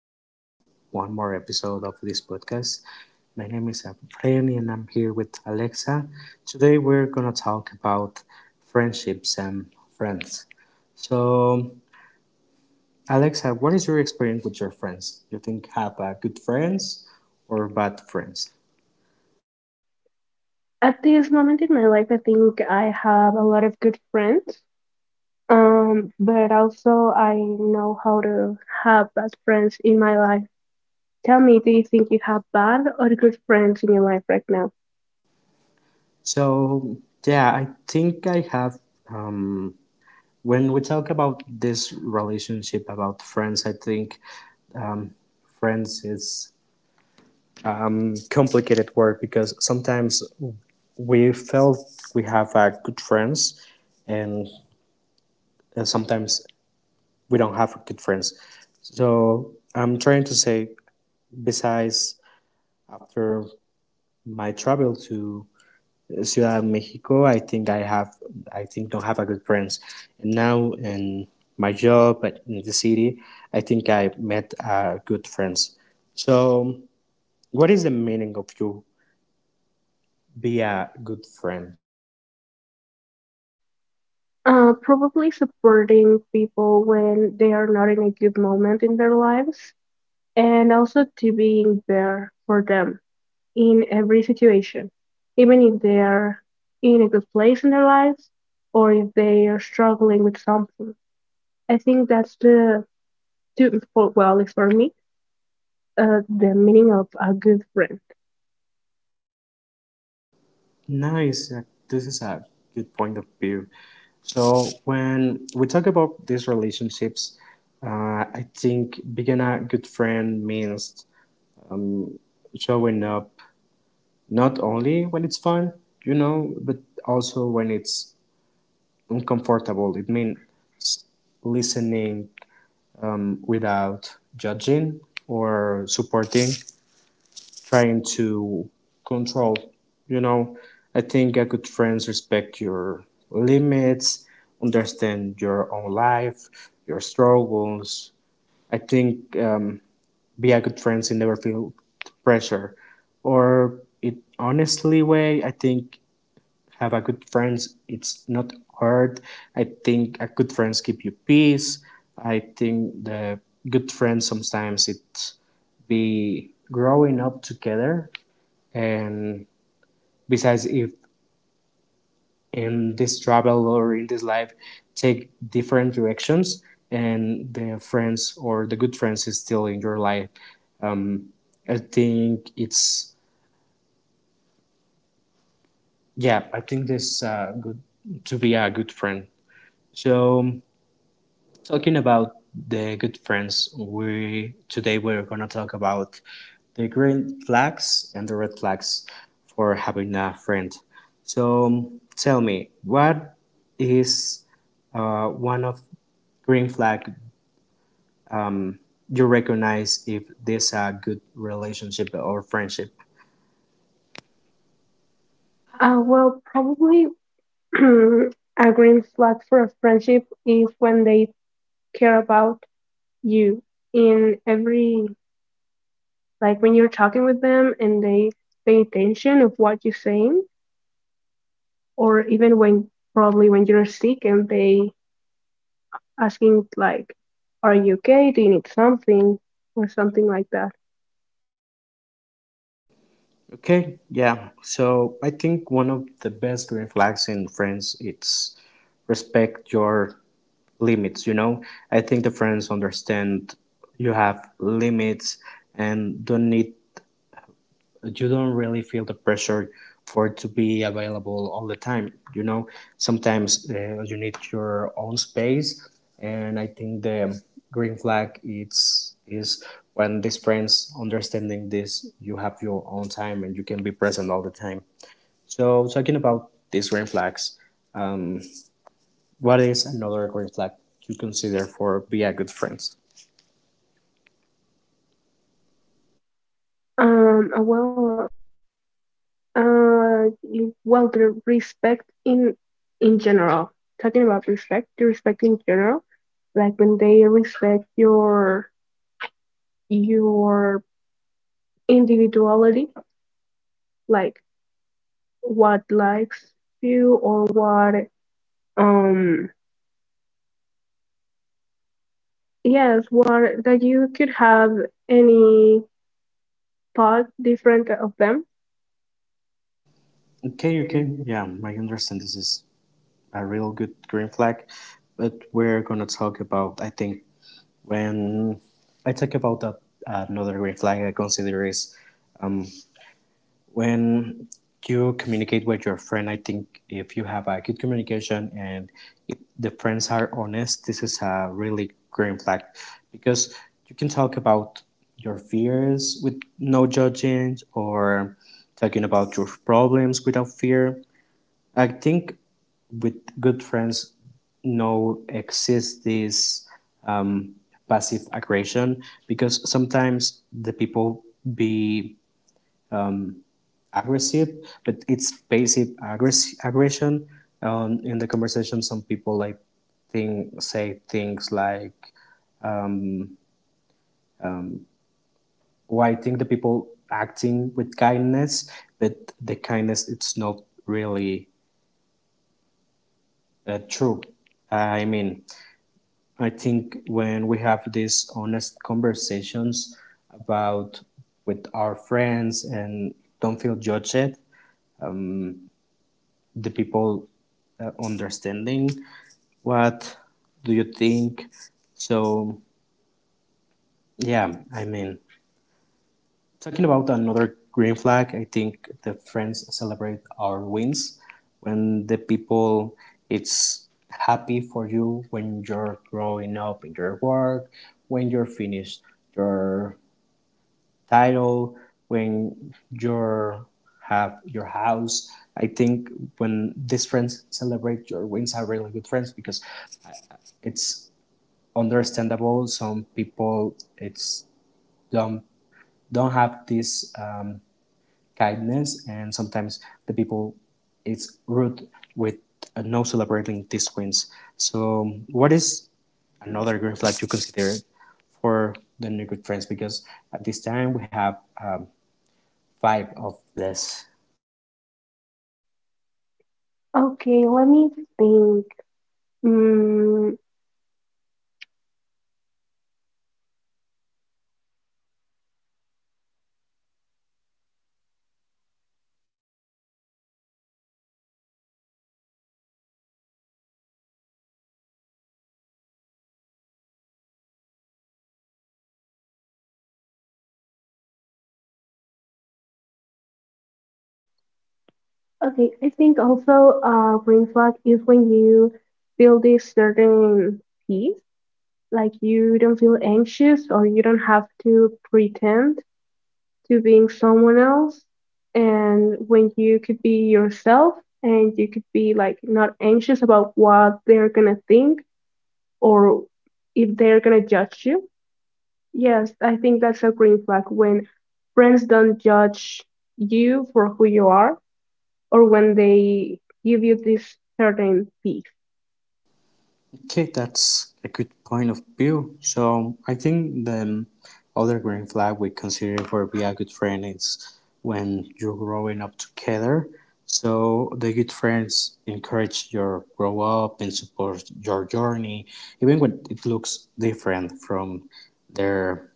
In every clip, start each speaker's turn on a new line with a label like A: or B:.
A: this one more episode of this podcast. My name is Efrain and I'm here with Alexa. Today we're gonna talk about friendships and friends. So, Alexa, what is your experience with your friends? You think have good friends or bad friends?
B: At this moment in my life, I think I have a lot of good friends, but also I know how to have bad friends in my life. Tell me, do you think you have bad or good friends in your life right now?
A: So, yeah, I think I have. Um, when we talk about this relationship about friends, I think um, friends is complicated word because sometimes we felt we have good friends and, and sometimes we don't have good friends, so I'm trying to say besides after my travel to Ciudad de Mexico, I think I have, I think don't have a good friends. And now in my job in the city, I think I met good friends. So what is the meaning of you be a good friend?
B: Probably supporting people when they are not in a good moment in their lives, and also to being there for them in every situation, even if they are in a good place in their lives or if they are struggling with something. I think that's well, it's for me, the meaning of a good friend.
A: Nice. This is a good point of view. So when we talk about these relationships, I think being a good friend means um, showing up not only when it's fun, you know, but also when it's uncomfortable. It means listening without judging or supporting trying to control. You know, I think a good friends respect your limits, understand your own life, your struggles. I think be a good friends and never feel pressure. Or it honestly way, I think have a good friends. It's not hard. I think a good friends keep you peace. I think the good friends sometimes it be growing up together and besides if in this travel or in this life take different directions and the friends or the good friends is still in your life. um, I think it's, yeah, I think this good to be a good friend. So talking about the good friends, we today we're gonna talk about the green flags and the red flags for having a friend. So tell me, what is one of green flag you recognize if this a good relationship or friendship?
B: Well, probably a green flag for a friendship is when they care about you in every, like when you're talking with them and they pay attention of what you're saying, or even when probably when you're sick and they asking like, are you okay? Do you need something or something like that?
A: Okay, yeah. So I think one of the best green flags in friends it's respect your limits, you know, I think the friends understand you have limits and don't need, you don't really feel the pressure for to be available all the time, you know, sometimes you need your own space. And I think the green flag it's is when these friends understanding this you have your own time and you can be present all the time. So talking about these green flags, um, what is another green flag you consider for be a good friends?
B: Um, uh, well, well, the respect in general, talking about respect, the respect in general, like when they respect your your individuality, like what likes you or what um yes, what that you could have any part different of them.
A: Okay, okay, yeah, I understand this is a real good green flag, but we're gonna talk about, I think when I talk about that, another green flag I consider is when you communicate with your friend. I think if you have a good communication and if the friends are honest, this is a really green flag, because you can talk about your fears with no judging or talking about your problems without fear. I think with good friends no exists this um, passive aggression, because sometimes the people be aggressive, but it's aggression. In the conversation, some people like think say things like, "Why think the people acting with kindness?" But the kindness, it's not really true. I mean, I think when we have these honest conversations about with our friends and don't feel judged, the people understanding what do you think. So, yeah, I mean, talking about another green flag, I think the friends celebrate our wins when the people it's happy for you, when you're growing up in your work, when you're finished your title, when you're have your house. I think when these friends celebrate your wins are really good friends, because it's understandable some people it's don't don't have this kindness, and sometimes the people it's rude with no celebrating these wins. So what is another green flag you consider for the new good friends, because at this time we have um, five of this.
B: Okay, let me think. Mm, Okay, I think also a green flag is when you feel this certain peace, like you don't feel anxious or you don't have to pretend to being someone else, and when you could be yourself and you could be like not anxious about what they're gonna think or if they're gonna judge you. Yes, I think that's a green flag when friends don't judge you for who you are or when they give you this certain piece.
A: Okay, that's a good point of view. So I think the other green flag we consider for be a good friend is when you're growing up together. So the good friends encourage your grow up and support your journey, even when it looks different from their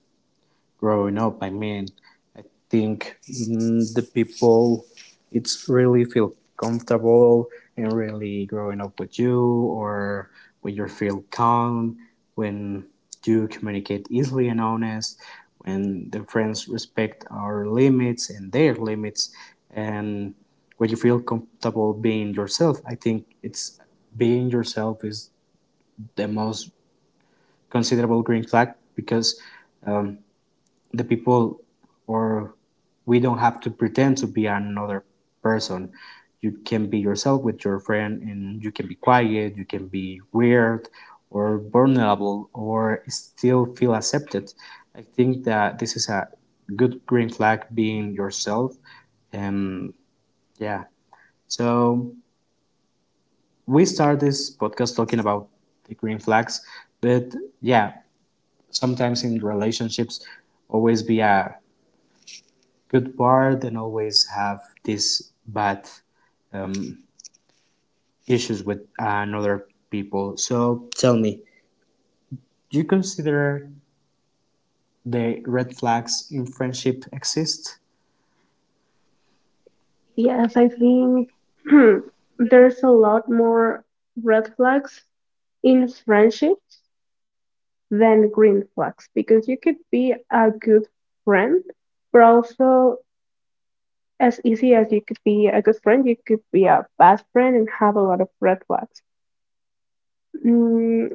A: growing up. I mean, I think the people it's really feel comfortable and really growing up with you, or when you feel calm, when you communicate easily and honest, when the friends respect our limits and their limits, and when you feel comfortable being yourself, I think it's, being yourself is the most considerable green flag, because um, the people or we don't have to pretend to be another person. You can be yourself with your friend, and you can be quiet, you can be weird or vulnerable or still feel accepted. I think that this is a good green flag, being yourself. um yeah. So we start this podcast talking about the green flags, but, yeah, sometimes in relationships always be a good part and always have these bad um, issues with another people. So tell me, do you consider the red flags in friendship exist?
B: Yes, I think there's a lot more red flags in friendships than green flags because you could be a good friend, but also as easy as you could be a good friend, you could be a bad friend and have a lot of red flags. Mm,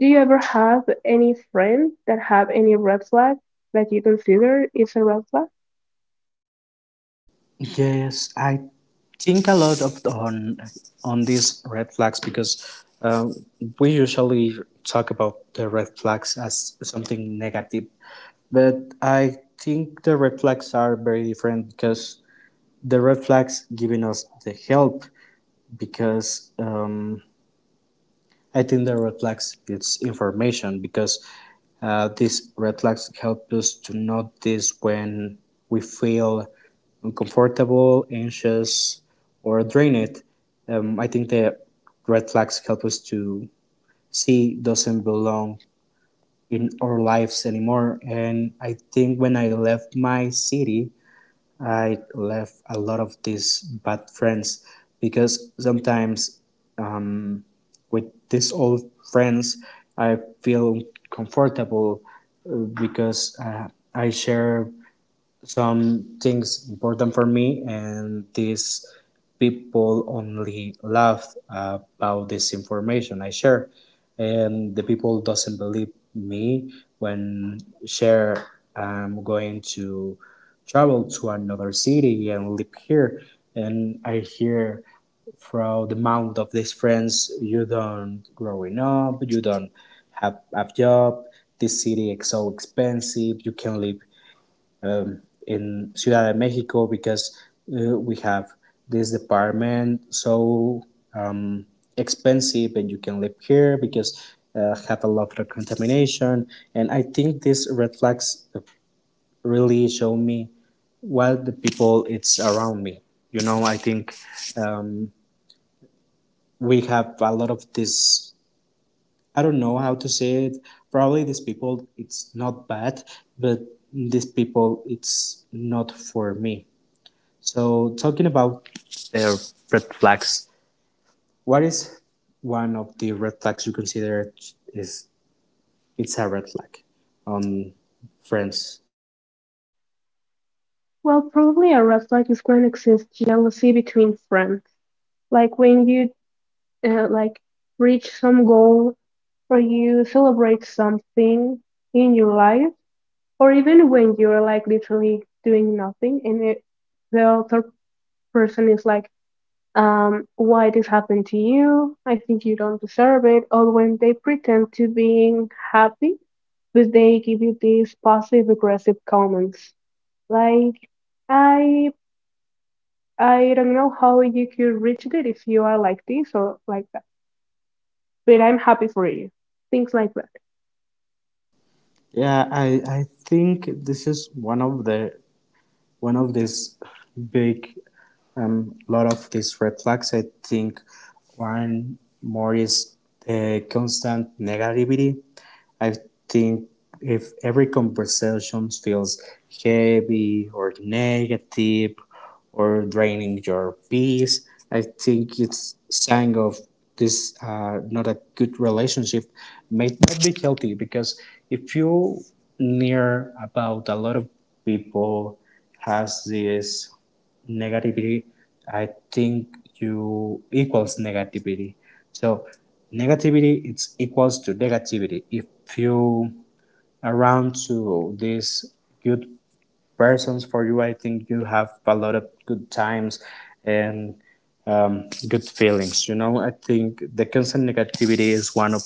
B: do you ever have any friend that have any red flag that you consider is a red flag?
A: Yes, I think a lot of on these red flags, because we usually talk about the red flags as something negative, but I think the red flags are very different, because the red flags giving us the help, because I think the red flags it's information, because these red flags help us to notice when we feel uncomfortable, anxious, or drained. I think the red flags help us to see doesn't belong in our lives anymore. And I think when I left my city, I left a lot of these bad friends, because sometimes with these old friends. I feel comfortable uh, because I share some things important for me, and these people only laugh about this information I share, and the people doesn't believe me when share I'm going to travel to another city and live here, and I hear from the mouth of these friends you don't growing up, you don't have a job, this city is so expensive you can live in Ciudad de Mexico, because we have this department so um, expensive and you can live here because have a lot of contamination. And I think these red flags really show me what the people it's around me, you know. I think um, we have a lot of this, I don't know how to say it, probably these people it's not bad, but these people it's not for me. So talking about their red flags, what is one of the red flags you consider is it's a red flag on friends?
B: Well, probably a red flag is when exists jealousy between friends. Like when you like reach some goal or you celebrate something in your life, or even when you're like literally doing nothing and it, the other person is like, why this happened to you? I think you don't deserve it. Or when they pretend to being happy, but they give you these passive aggressive comments like, I I don't know how you could reach it if you are like this or like that, but I'm happy for you. Things like that.
A: Yeah, I think this is one of the one of these big lot of these red flags. I think one more is the constant negativity. I think if every conversation feels heavy or negative or draining your peace, I think it's sign of this not a good relationship, may not be healthy, because if you near about a lot of people has this negativity, I think you equals negativity. So negativity it's equals to negativity if you around to these good persons for you. I think you have a lot of good times and good feelings, you know. I think the constant negativity is one of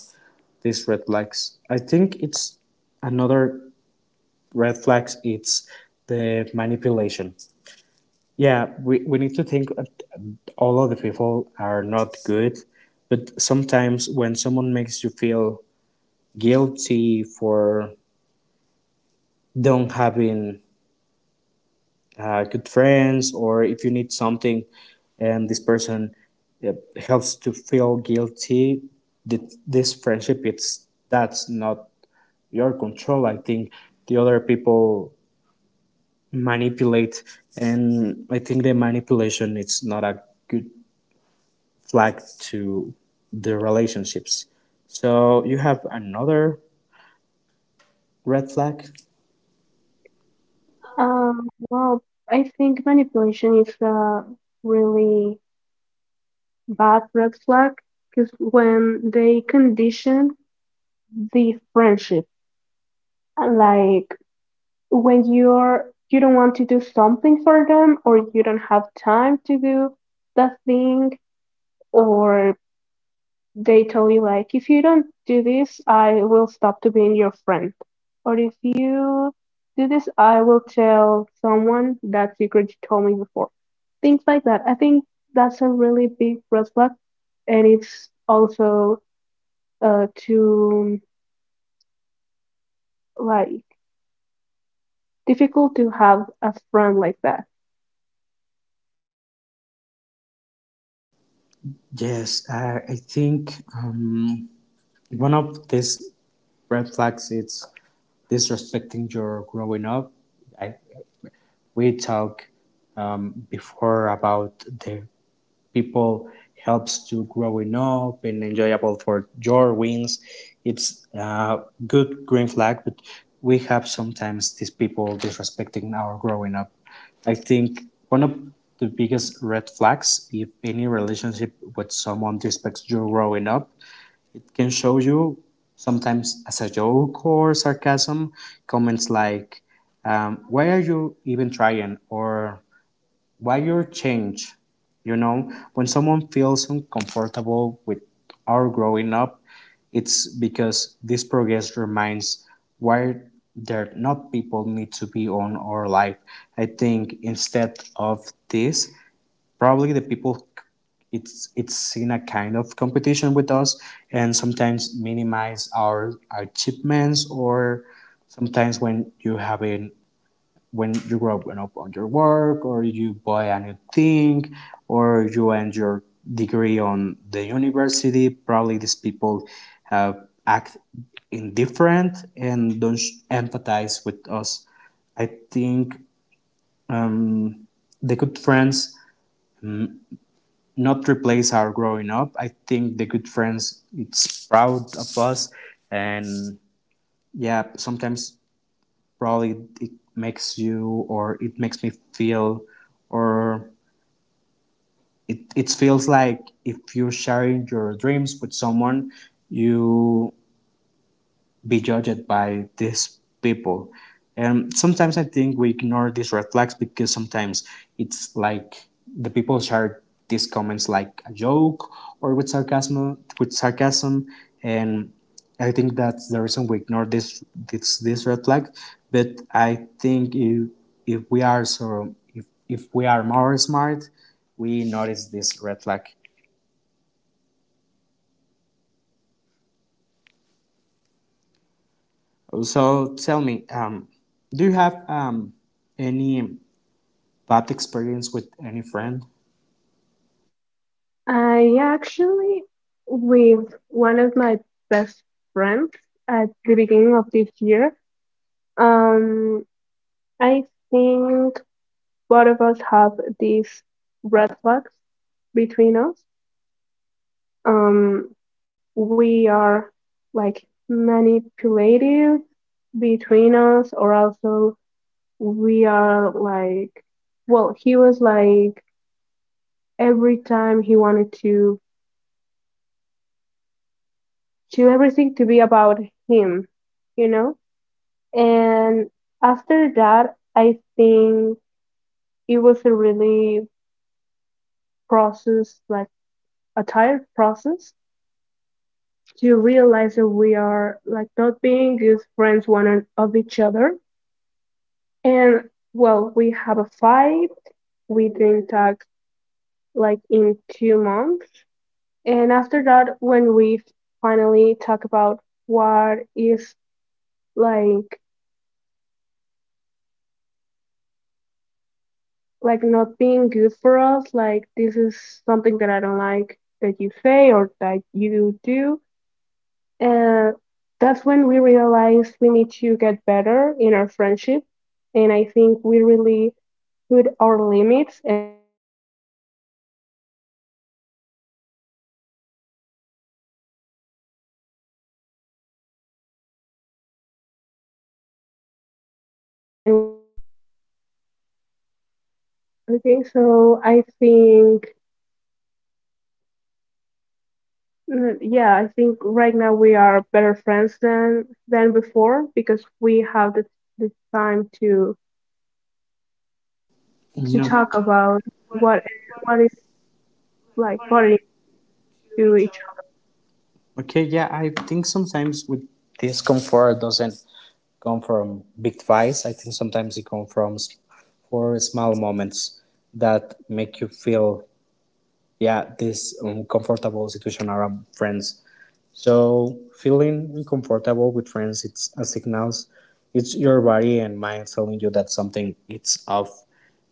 A: these red flags. I think it's another red flags it's the manipulation. Yeah, we need to think all other people are not good, but sometimes when someone makes you feel guilty for don't having good friends, or if you need something and this person helps to feel guilty, that this friendship it's that's not your control. I think the other people manipulate, and I think the manipulation it's not a good flag to the relationships. So you have another red flag?
B: Well, I think manipulation is a really bad red flag because when they condition the friendship, like when you're you don't want to do something for them or you don't have time to do the thing or they tell you like if you don't do this, I will stop to being your friend, or if you do this, I will tell someone that secret you told me before. Things like that, I think that's a really big red flag, and it's also too like difficult to have a friend like that.
A: Yes, I think one of these red flags is disrespecting your growing up. I, we talk before about the people helps to growing up and enjoyable for your wins. It's a good green flag, but we have sometimes these people disrespecting our growing up. I think one of the biggest red flags if any relationship with someone disrespects your growing up, it can show you sometimes as a joke or sarcasm, comments like, why are you even trying? Or wire change. You know, when someone feels uncomfortable with our growing up, it's because this progress reminds why they're not people need to be on our life. I think instead of this, probably the people it's in a kind of competition with us and sometimes minimize our achievements. Or sometimes when you have a when you grow up on your work, or you buy a new thing, or you end your degree on the university, probably these people have act indifferent and don't empathize with us. I think mm, the good friends not replace our growing up. I think the good friends it's proud of us. And yeah, sometimes probably it makes you, or it makes me feel, or it feels like if you're sharing your dreams with someone, you be judged by these people. And sometimes I think we ignore these red flags because sometimes it's like the people share these comments like a joke or with sarcasm, and I think that's the reason we ignore this red flag. But I think if if we are more smart, we notice this red flag. So tell me, do you have any bad experience with any friend?
B: I actually with one of my best friends at the beginning of this year, um I think both of us have these red flags between us. Um, we are like manipulative between us, or also we are like, well, he was like every time he wanted to do everything to be about him, you know? And after that, I think it was a really process, like a tired process to realize that we are like not being good friends one of each other. And well, we have a fight. We didn't talk like in 2 months. And after that, when we finally talk about what is like like not being good for us, like this is something that I don't like that you say or that you do. And that's when we realized we need to get better in our friendship. And I think we really put our limits and respect that limit. And right now, I think we are better friends than the beginning of the year. Okay, so I think, yeah, I think right now we are better friends than before because we have the time to
A: No.
B: talk about what is like bothering to each other.
A: Okay, yeah, I think sometimes with this comfort doesn't come from big fights. I think sometimes it comes from for small moments that make you feel, yeah, this uncomfortable situation around friends. So feeling uncomfortable with friends, it's a signals. It's your body and mind telling you that something it's off.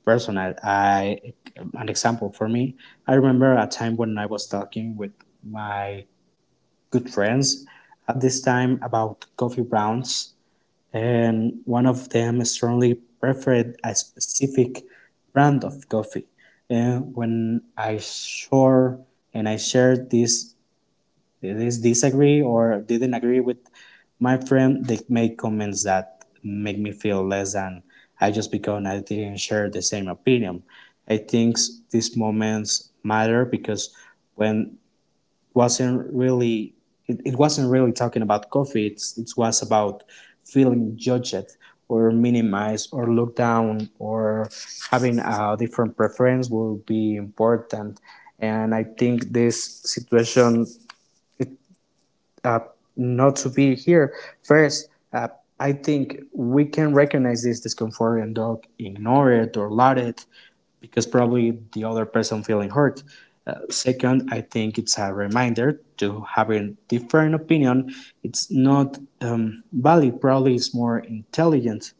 A: Personal, I an example for me. I remember a time when I was talking with my good friends at this time about coffee brands, and one of them strongly preferred a specific brand of coffee. And when I saw and I shared this, they disagree or didn't agree with my friend. They make comments that make me feel less than I, just because I didn't share the same opinion. I think these moments matter because when wasn't really it wasn't really talking about coffee. It's, it was about feeling judged or minimized or looked down, or having a different preference will be important. And I think this situation it uh, not to be here. First, I think we can recognize this discomfort and don't ignore it or let it, because probably the other person feeling hurt. Second, I think it's a reminder to having different opinion. It's not valid. Probably it's more intelligent.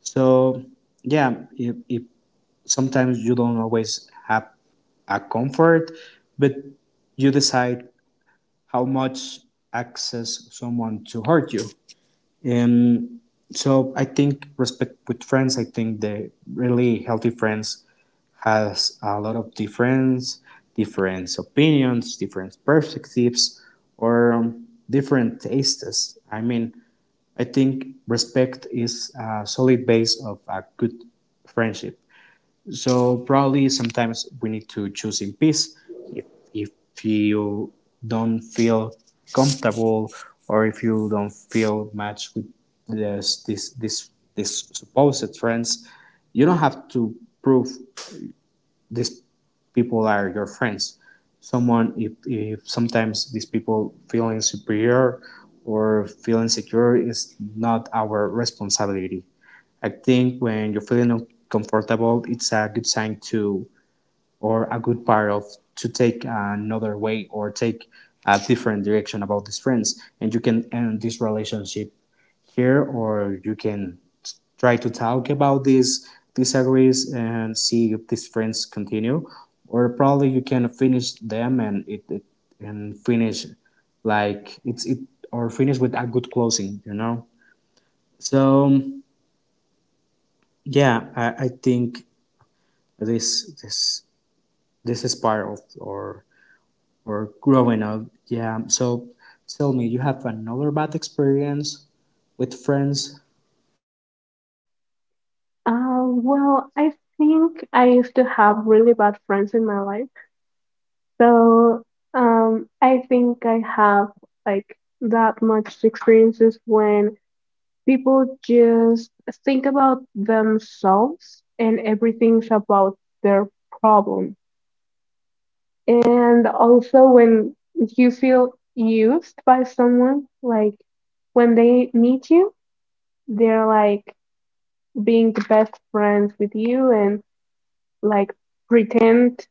A: So yeah, if sometimes you don't always have a comfort, but you decide how much access someone to hurt you. And so I think respect with friends, I think the really healthy friends has a lot of difference, different opinions, different perspectives, or different tastes. I mean, I think respect is a solid base of a good friendship. So probably sometimes we need to choose in peace. If, if you don't feel comfortable, or if you don't feel matched with this supposed trends, you don't have to prove these people are your friends. Someone, if sometimes these people feeling superior or feeling secure is not our responsibility. I think when you're feeling uncomfortable, it's a good sign to, or a good part of, to take another way, or take a different direction about these friends. And you can end this relationship here, or you can try to talk about these disagrees and see if these friends continue, or probably you can finish them and it and finish like it's it, or finish with a good closing, you know. So yeah, I think this this this is part of or growing up. Yeah. So tell me, you have another bad experience with friends?
B: Well, I think I used to have really bad friends in my life. So, I think I have like that much experiences when people just think about themselves and everything's about their problem. And also when you feel used by someone, like when they meet you, they're like being the best friends with you and like pretend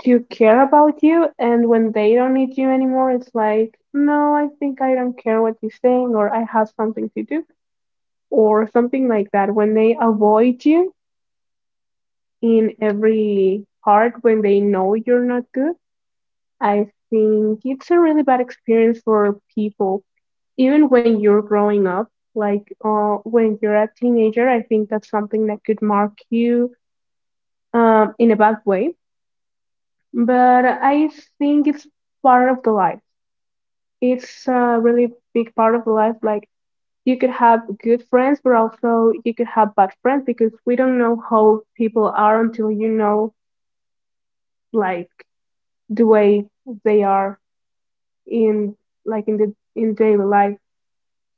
B: to care about you, and when they don't need you anymore, it's like, no, I think I don't care what you're saying, or I have something to do or something like that. When they avoid you in every part, when they know you're not good, I think it's a really bad experience for people, even when you're growing up, like when you're a teenager, I think that's something that could mark you in a bad way. But I think it's part of the life. It's a really big part of life. Like you could have good friends, but also you could have bad friends because we don't know how people are until you know, like the way they are in like in the in daily life.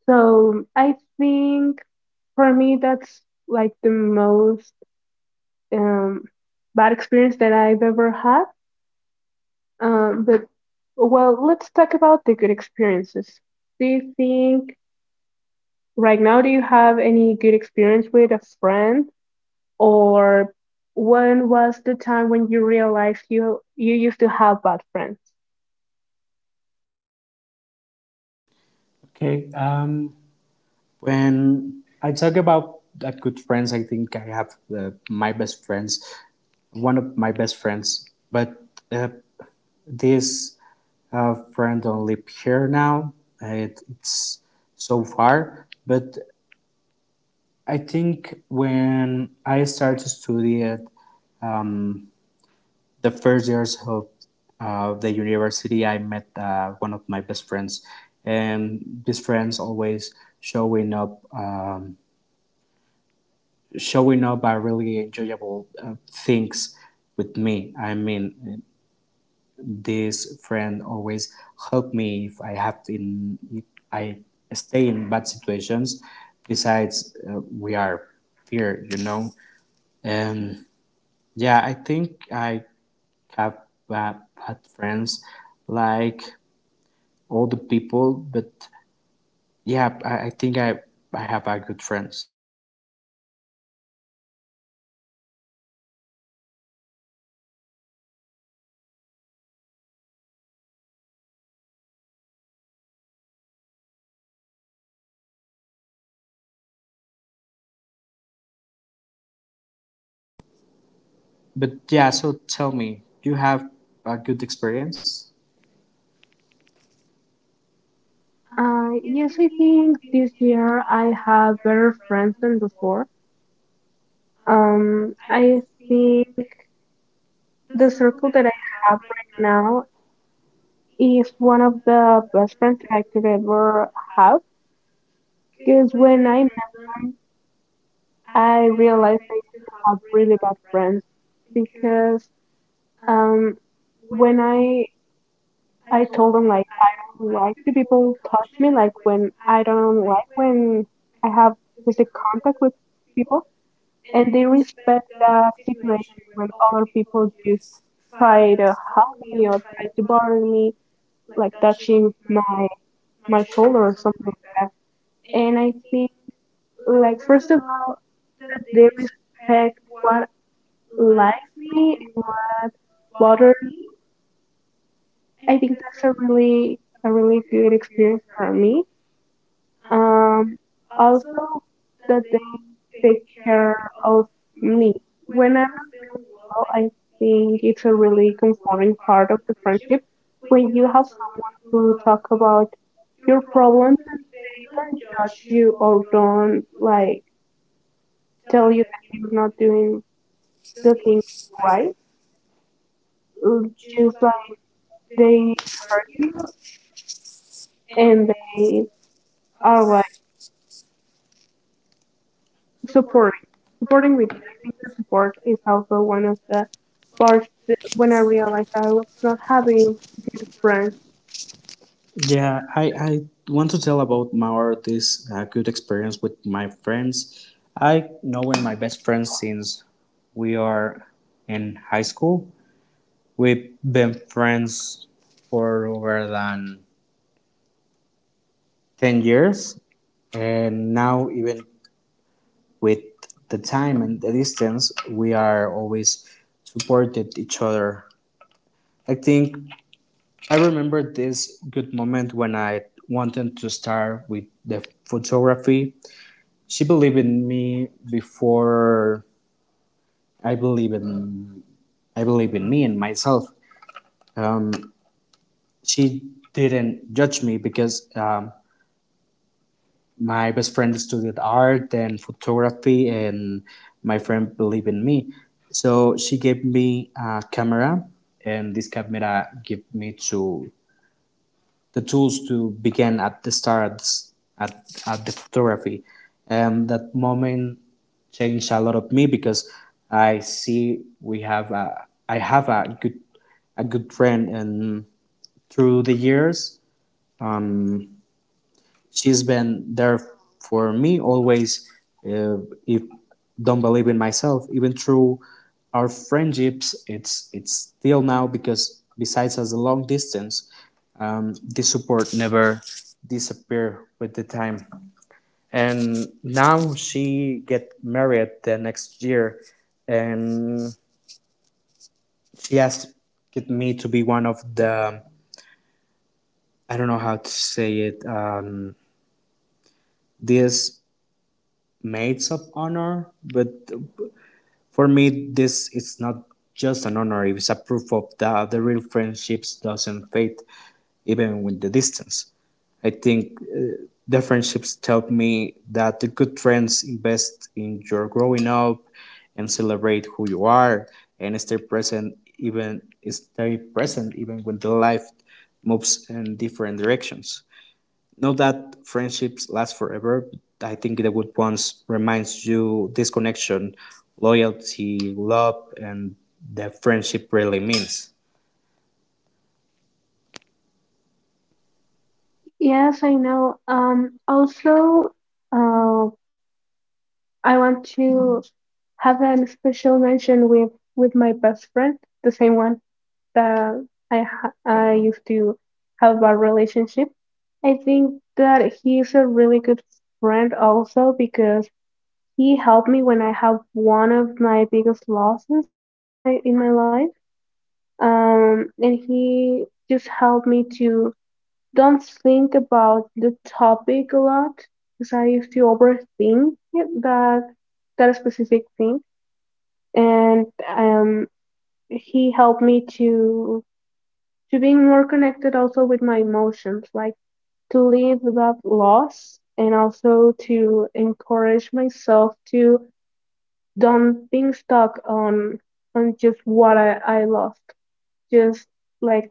B: So I think for me that's like the most um, bad experience that I've ever had. But well, let's talk about the good experiences. Do you think, right now, do you have any good experience with a friend, or when was the time when you realized you you used to have bad friends?
A: Okay. When I talk about that good friends, I think I have my best friends, one of my best friends, but uh, this friend only pure now. It's so far, but I think when I started to study at the first years of the university, I met one of my best friends, and these friends always showing up. Showing up are really enjoyable things with me. I mean, this friend always help me if I have in if I stay in bad situations. Besides, we are here, you know. And yeah, I think I have uh, bad friends like all the people, but yeah, I think I have good friends. But yeah, so tell me, do you have a good experience?
B: Yes, I think this year I have better friends than before. I think the circle that I have right now is one of the best friends that I could ever have. Because when I met them, I realized I used to have really bad friends because, Um, when I told them like I don't like the people touch me, like when I don't like when I have physical contact with people, and they respect that situation when other people just try to hug me or try to bother me, like touching my shoulder or something like that. And I think like first of all that they respect what likes me and what bother me. I think that's a really good experience for me. Um, Also that they take care of me. When I'm not feeling well, I think it's a really comforting part of the friendship when you have someone who talk about your problems and they don't judge you or don't like tell you that you're not doing the things right. Just like they hurt you and they are like supporting supporting with you. I think the support is also one of the parts that when I realized I was not having good friends.
A: Yeah, I want to tell about my this good experience with my friends. I knowing my best friends since we are in high school. We've been friends for over than 10 years. And now, even with the time and the distance, we are always supported each other. I think I remember this good moment when I wanted to start with the photography. She believed in me before I believe in me and myself. Um, she didn't judge me because my best friend studied art and photography, and my friend believed in me. So she gave me a camera, and this camera gave me to the tools to begin at the start at the photography. And that moment changed a lot of me because I see we have a, I have a good friend, and through the years she's been there for me always uh, if don't believe in myself, even through our friendships it's still now because besides as a long distance, the support never disappear with the time. And now she get married the next year, and she asked get me to be one of the, I don't know how to say it, these maids of honor. But for me, this is not just an honor. It's a proof of that the real friendships doesn't fade even with the distance. I think the friendships taught me that the good friends invest in your growing up and celebrate who you are and stay present even when the life moves in different directions. Not that friendships last forever, but I think the good ones reminds you this connection, loyalty, love, and the friendship really means.
B: Yes, I know. Also, uh, I want to have a special mention with my best friend, the same one that I used to have a relationship. I think that he's a really good friend also because he helped me when I have one of my biggest losses in my life. And he just helped me to don't think about the topic a lot because I used to overthink it, that specific thing. And he helped me to being more connected also with my emotions, like to live without loss and also to encourage myself to don't being stuck on just what I lost. Just like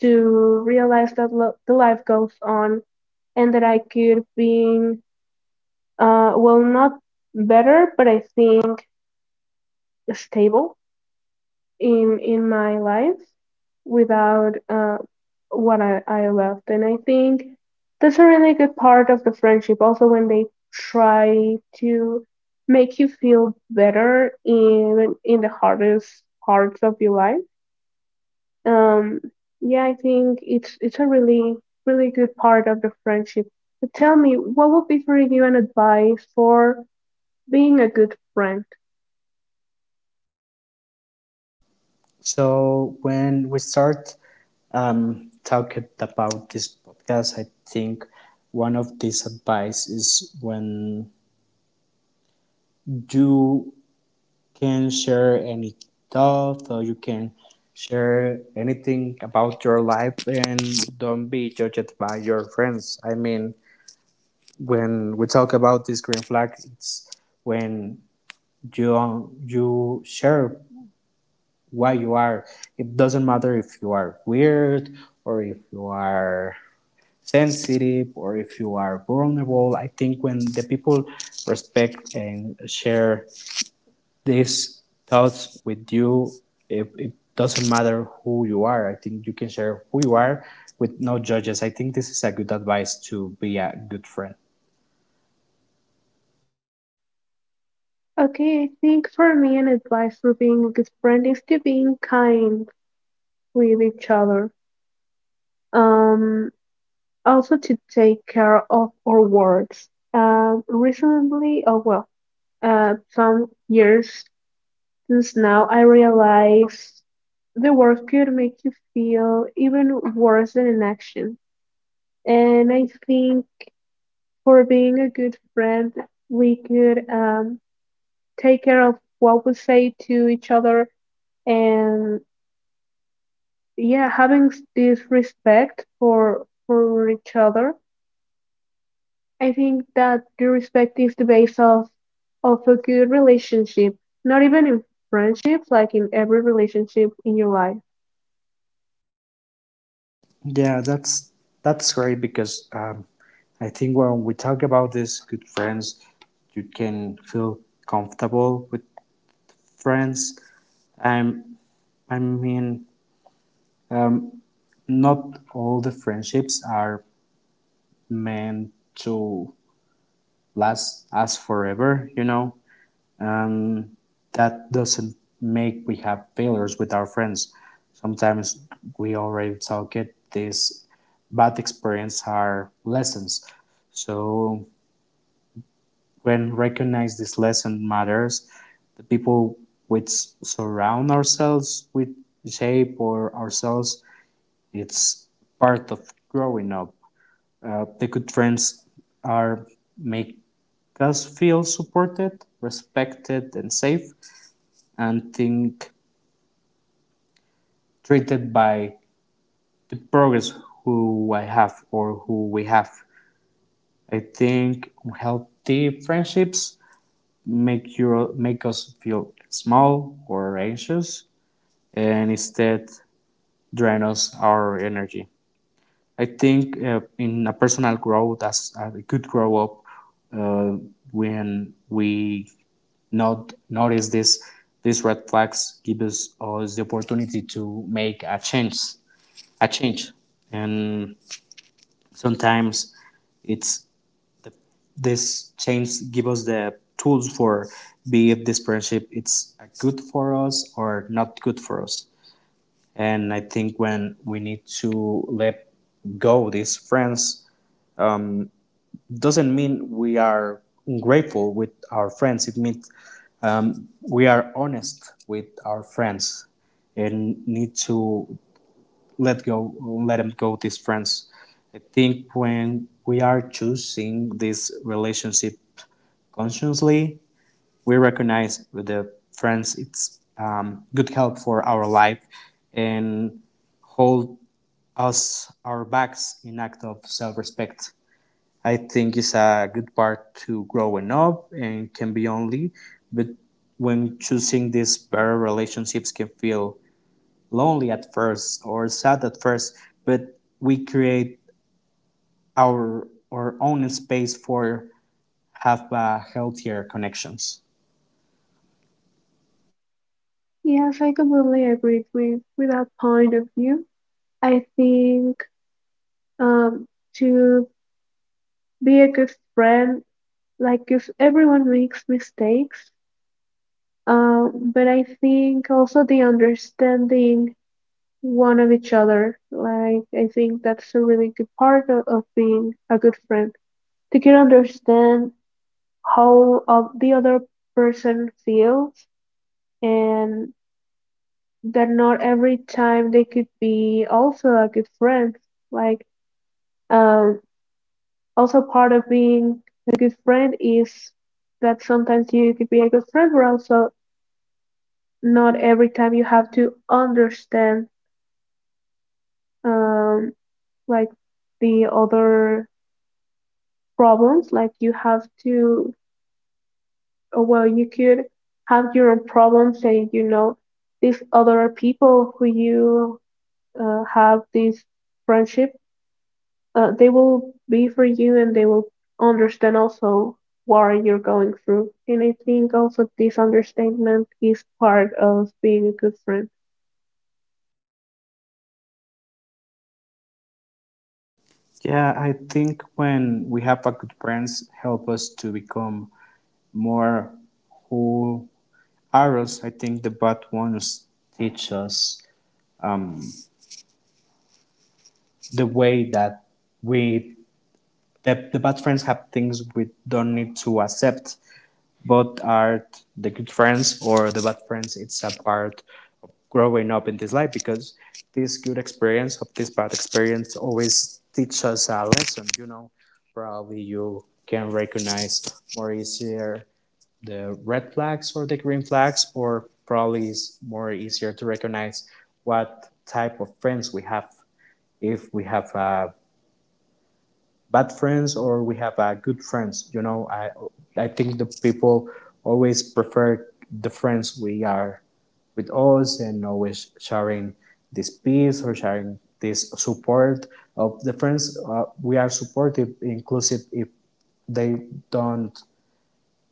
B: to realize that the life goes on and that I could be well, not better, but I think stable in my life without what I left. And I think that's a really good part of the friendship. Also, when they try to make you feel better in the hardest parts of your life. Um, yeah, I think it's a really really good part of the friendship. But tell me, what would be for you an advice for being a good friend?
A: So when we start talking about this podcast, I think one of these advice is when you can share any thought, or you can share anything about your life and don't be judged by your friends. I mean, when we talk about this green flag, it's when you share why you are. It doesn't matter if you are weird, or if you are sensitive, or if you are vulnerable. I think when the people respect and share these thoughts with you, it doesn't matter who you are. I think you can share who you are with no judges. I think this is a good advice to be a good friend.
B: Okay, I think for me, an advice for being a good friend is to being kind with each other. Um, Also to take care of our words. Recently, some years since now, I realized the words could make you feel even worse than an action. And I think for being a good friend, we could take care of what we say to each other, and yeah, having this respect for each other. I think that the respect is the base of a good relationship, not even in friendships, like in every relationship in your life.
A: Yeah, that's great because I think when we talk about this, good friends, you can feel comfortable with friends. I'm, I mean, um, not all the friendships are meant to last us forever. You know, um, that doesn't make we have failures with our friends. Sometimes we already talk it. These bad experience are lessons. So when recognize this lesson matters, the people which surround ourselves with shape or ourselves, it's part of growing up. The good friends are make us feel supported, respected, and safe, and think treated by the progress who I have or who we have. I think healthy friendships make you make us feel small or anxious, and instead drain us our energy. I think in a personal growth as we could grow up, uh, when we not notice this these red flags give us, us the opportunity to make a change, a change and sometimes it's this change give us the tools for be if this partnership it's good for us or not good for us. And I think when we need to let go these friends doesn't mean we are ungrateful with our friends. It means we are honest with our friends and need to let go, let them go these friends. I think when we are choosing this relationship consciously, we recognize with the friends it's good help for our life, and hold us our backs in act of self-respect. I think it's a good part to growing up and can be only, but when choosing these better relationships can feel lonely at first or sad at first, but we create our own space for have healthier connections.
B: Yes, I completely agree with that point of view. I think, um to be a good friend, like if everyone makes mistakes, but I think also the understanding one of each other. Like I think that's a really good part of being a good friend. To can understand how the other person feels and that not every time they could be also a good friend. Like, um also part of being a good friend is that sometimes you could be a good friend but also not every time you have to understand, um like the other problems, like you have to, or well, you could have your own problems, and you know these other people who you have this friendship, they will be for you and they will understand also what you're going through. And I think also this understanding is part of being a good friend.
A: Yeah, I think when we have a good friends help us to become more who are us. I think the bad ones teach us the way that we the bad friends have things we don't need to accept. But are the good friends or the bad friends, it's a part growing up in this life, because this good experience of this bad experience always teach us a lesson, you know. Probably you can recognize more easier the red flags or the green flags, or probably it's more easier to recognize what type of friends we have. If we have bad friends or we have good friends, you know, I think the people always prefer the friends we are with us and always sharing this peace or sharing this support of the friends. We are supportive, inclusive if they don't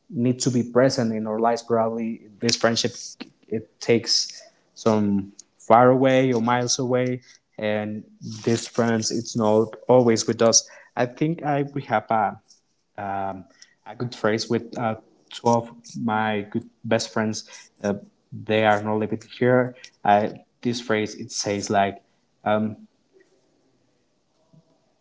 A: need to be present in our lives. Probably this friendship it takes some far away or miles away, and these friends it's not always with us. I think I we have um, a good phrase with two of my good best friends. Uh, they are not living here. I, this phrase it says like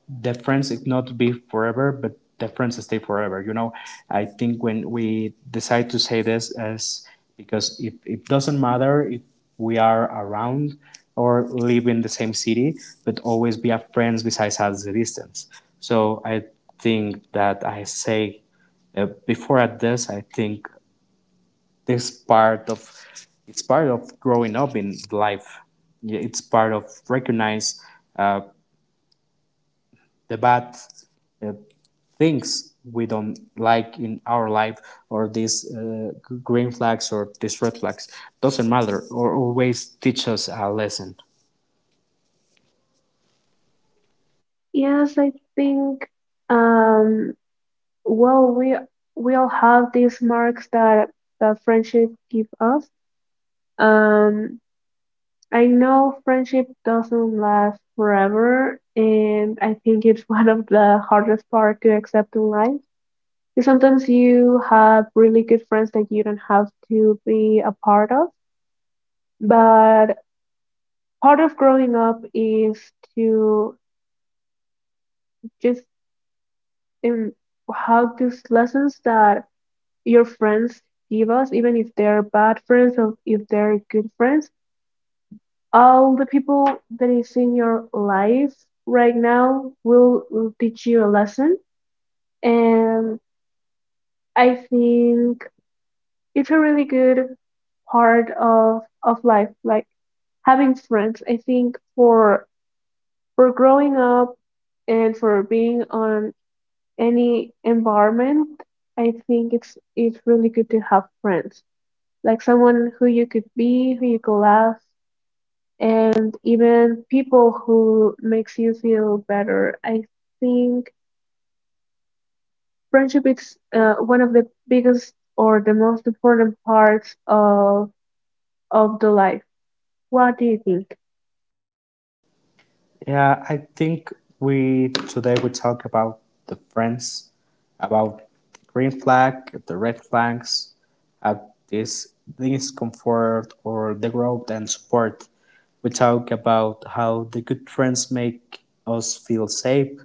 A: that friends it not be forever, but the friends stay forever. You know, I think when we decide to say this as because it doesn't matter if we are around or live in the same city, but always be a friends besides us the distance. So I think that I say before at this, I think this part of it's part of growing up in life. Yeah, it's part of recognize uh, the bad uh, things we don't like in our life, or these green flags or these red flags doesn't matter or always teach us a lesson.
B: Yes, I think, um well, we all have these marks that that friendship give us. um I know friendship doesn't last forever, and I think it's one of the hardest part to accept in life. 'Cause sometimes you have really good friends that you don't have to be a part of, but part of growing up is to just um, have these lessons that your friends give us, even if they're bad friends or if they're good friends. All the people that is in your life right now will teach you a lesson. And I think it's a really good part of life, like having friends. I think for growing up and for being on any environment, I think it's really good to have friends, like someone who you could be, who you could laugh, and even people who makes you feel better. I think friendship is one of the biggest or the most important parts of the life. What do you think?
A: Yeah, I think we today we talk about the friends, about the green flag, the red flags, uh, this discomfort or the growth and support. We talk about how the good friends make us feel safe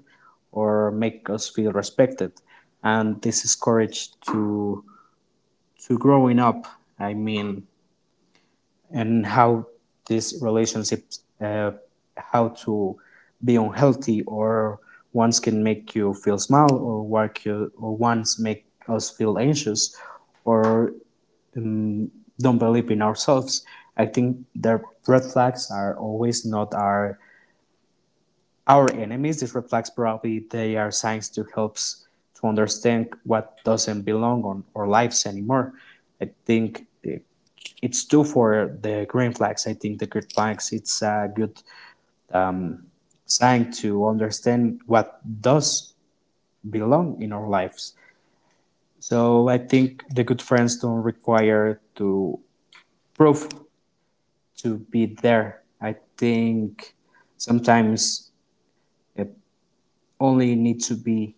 A: or make us feel respected, and this is courage to growing up. I mean, and how these relationships how to be unhealthy, or ones can make you feel small or work you, or ones make us feel anxious or um, don't believe in ourselves. I think the red flags are always not our enemies. These red flags probably they are signs to help us to understand what doesn't belong on our lives anymore. I think it's true for the green flags. I think the green flags it's a good sign to understand what does belong in our lives. So I think the good friends don't require to prove to be there. I think sometimes it only needs to be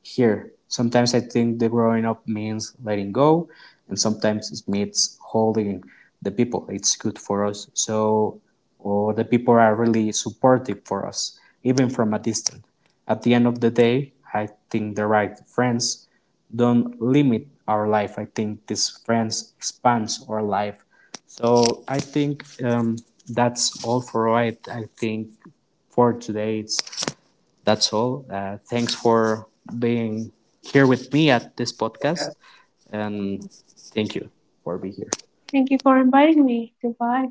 A: here. Sometimes I think the growing up means letting go, and sometimes it means holding the people. It's good for us. So, or the people are really supportive for us, even from a distance. At the end of the day, I think the right friends don't limit our life. I think these friends expands our life. So I think that's all for right. I think for today. It's that's all. Thanks for being here with me at this podcast, and thank you for being here.
B: Thank you for inviting me. Goodbye.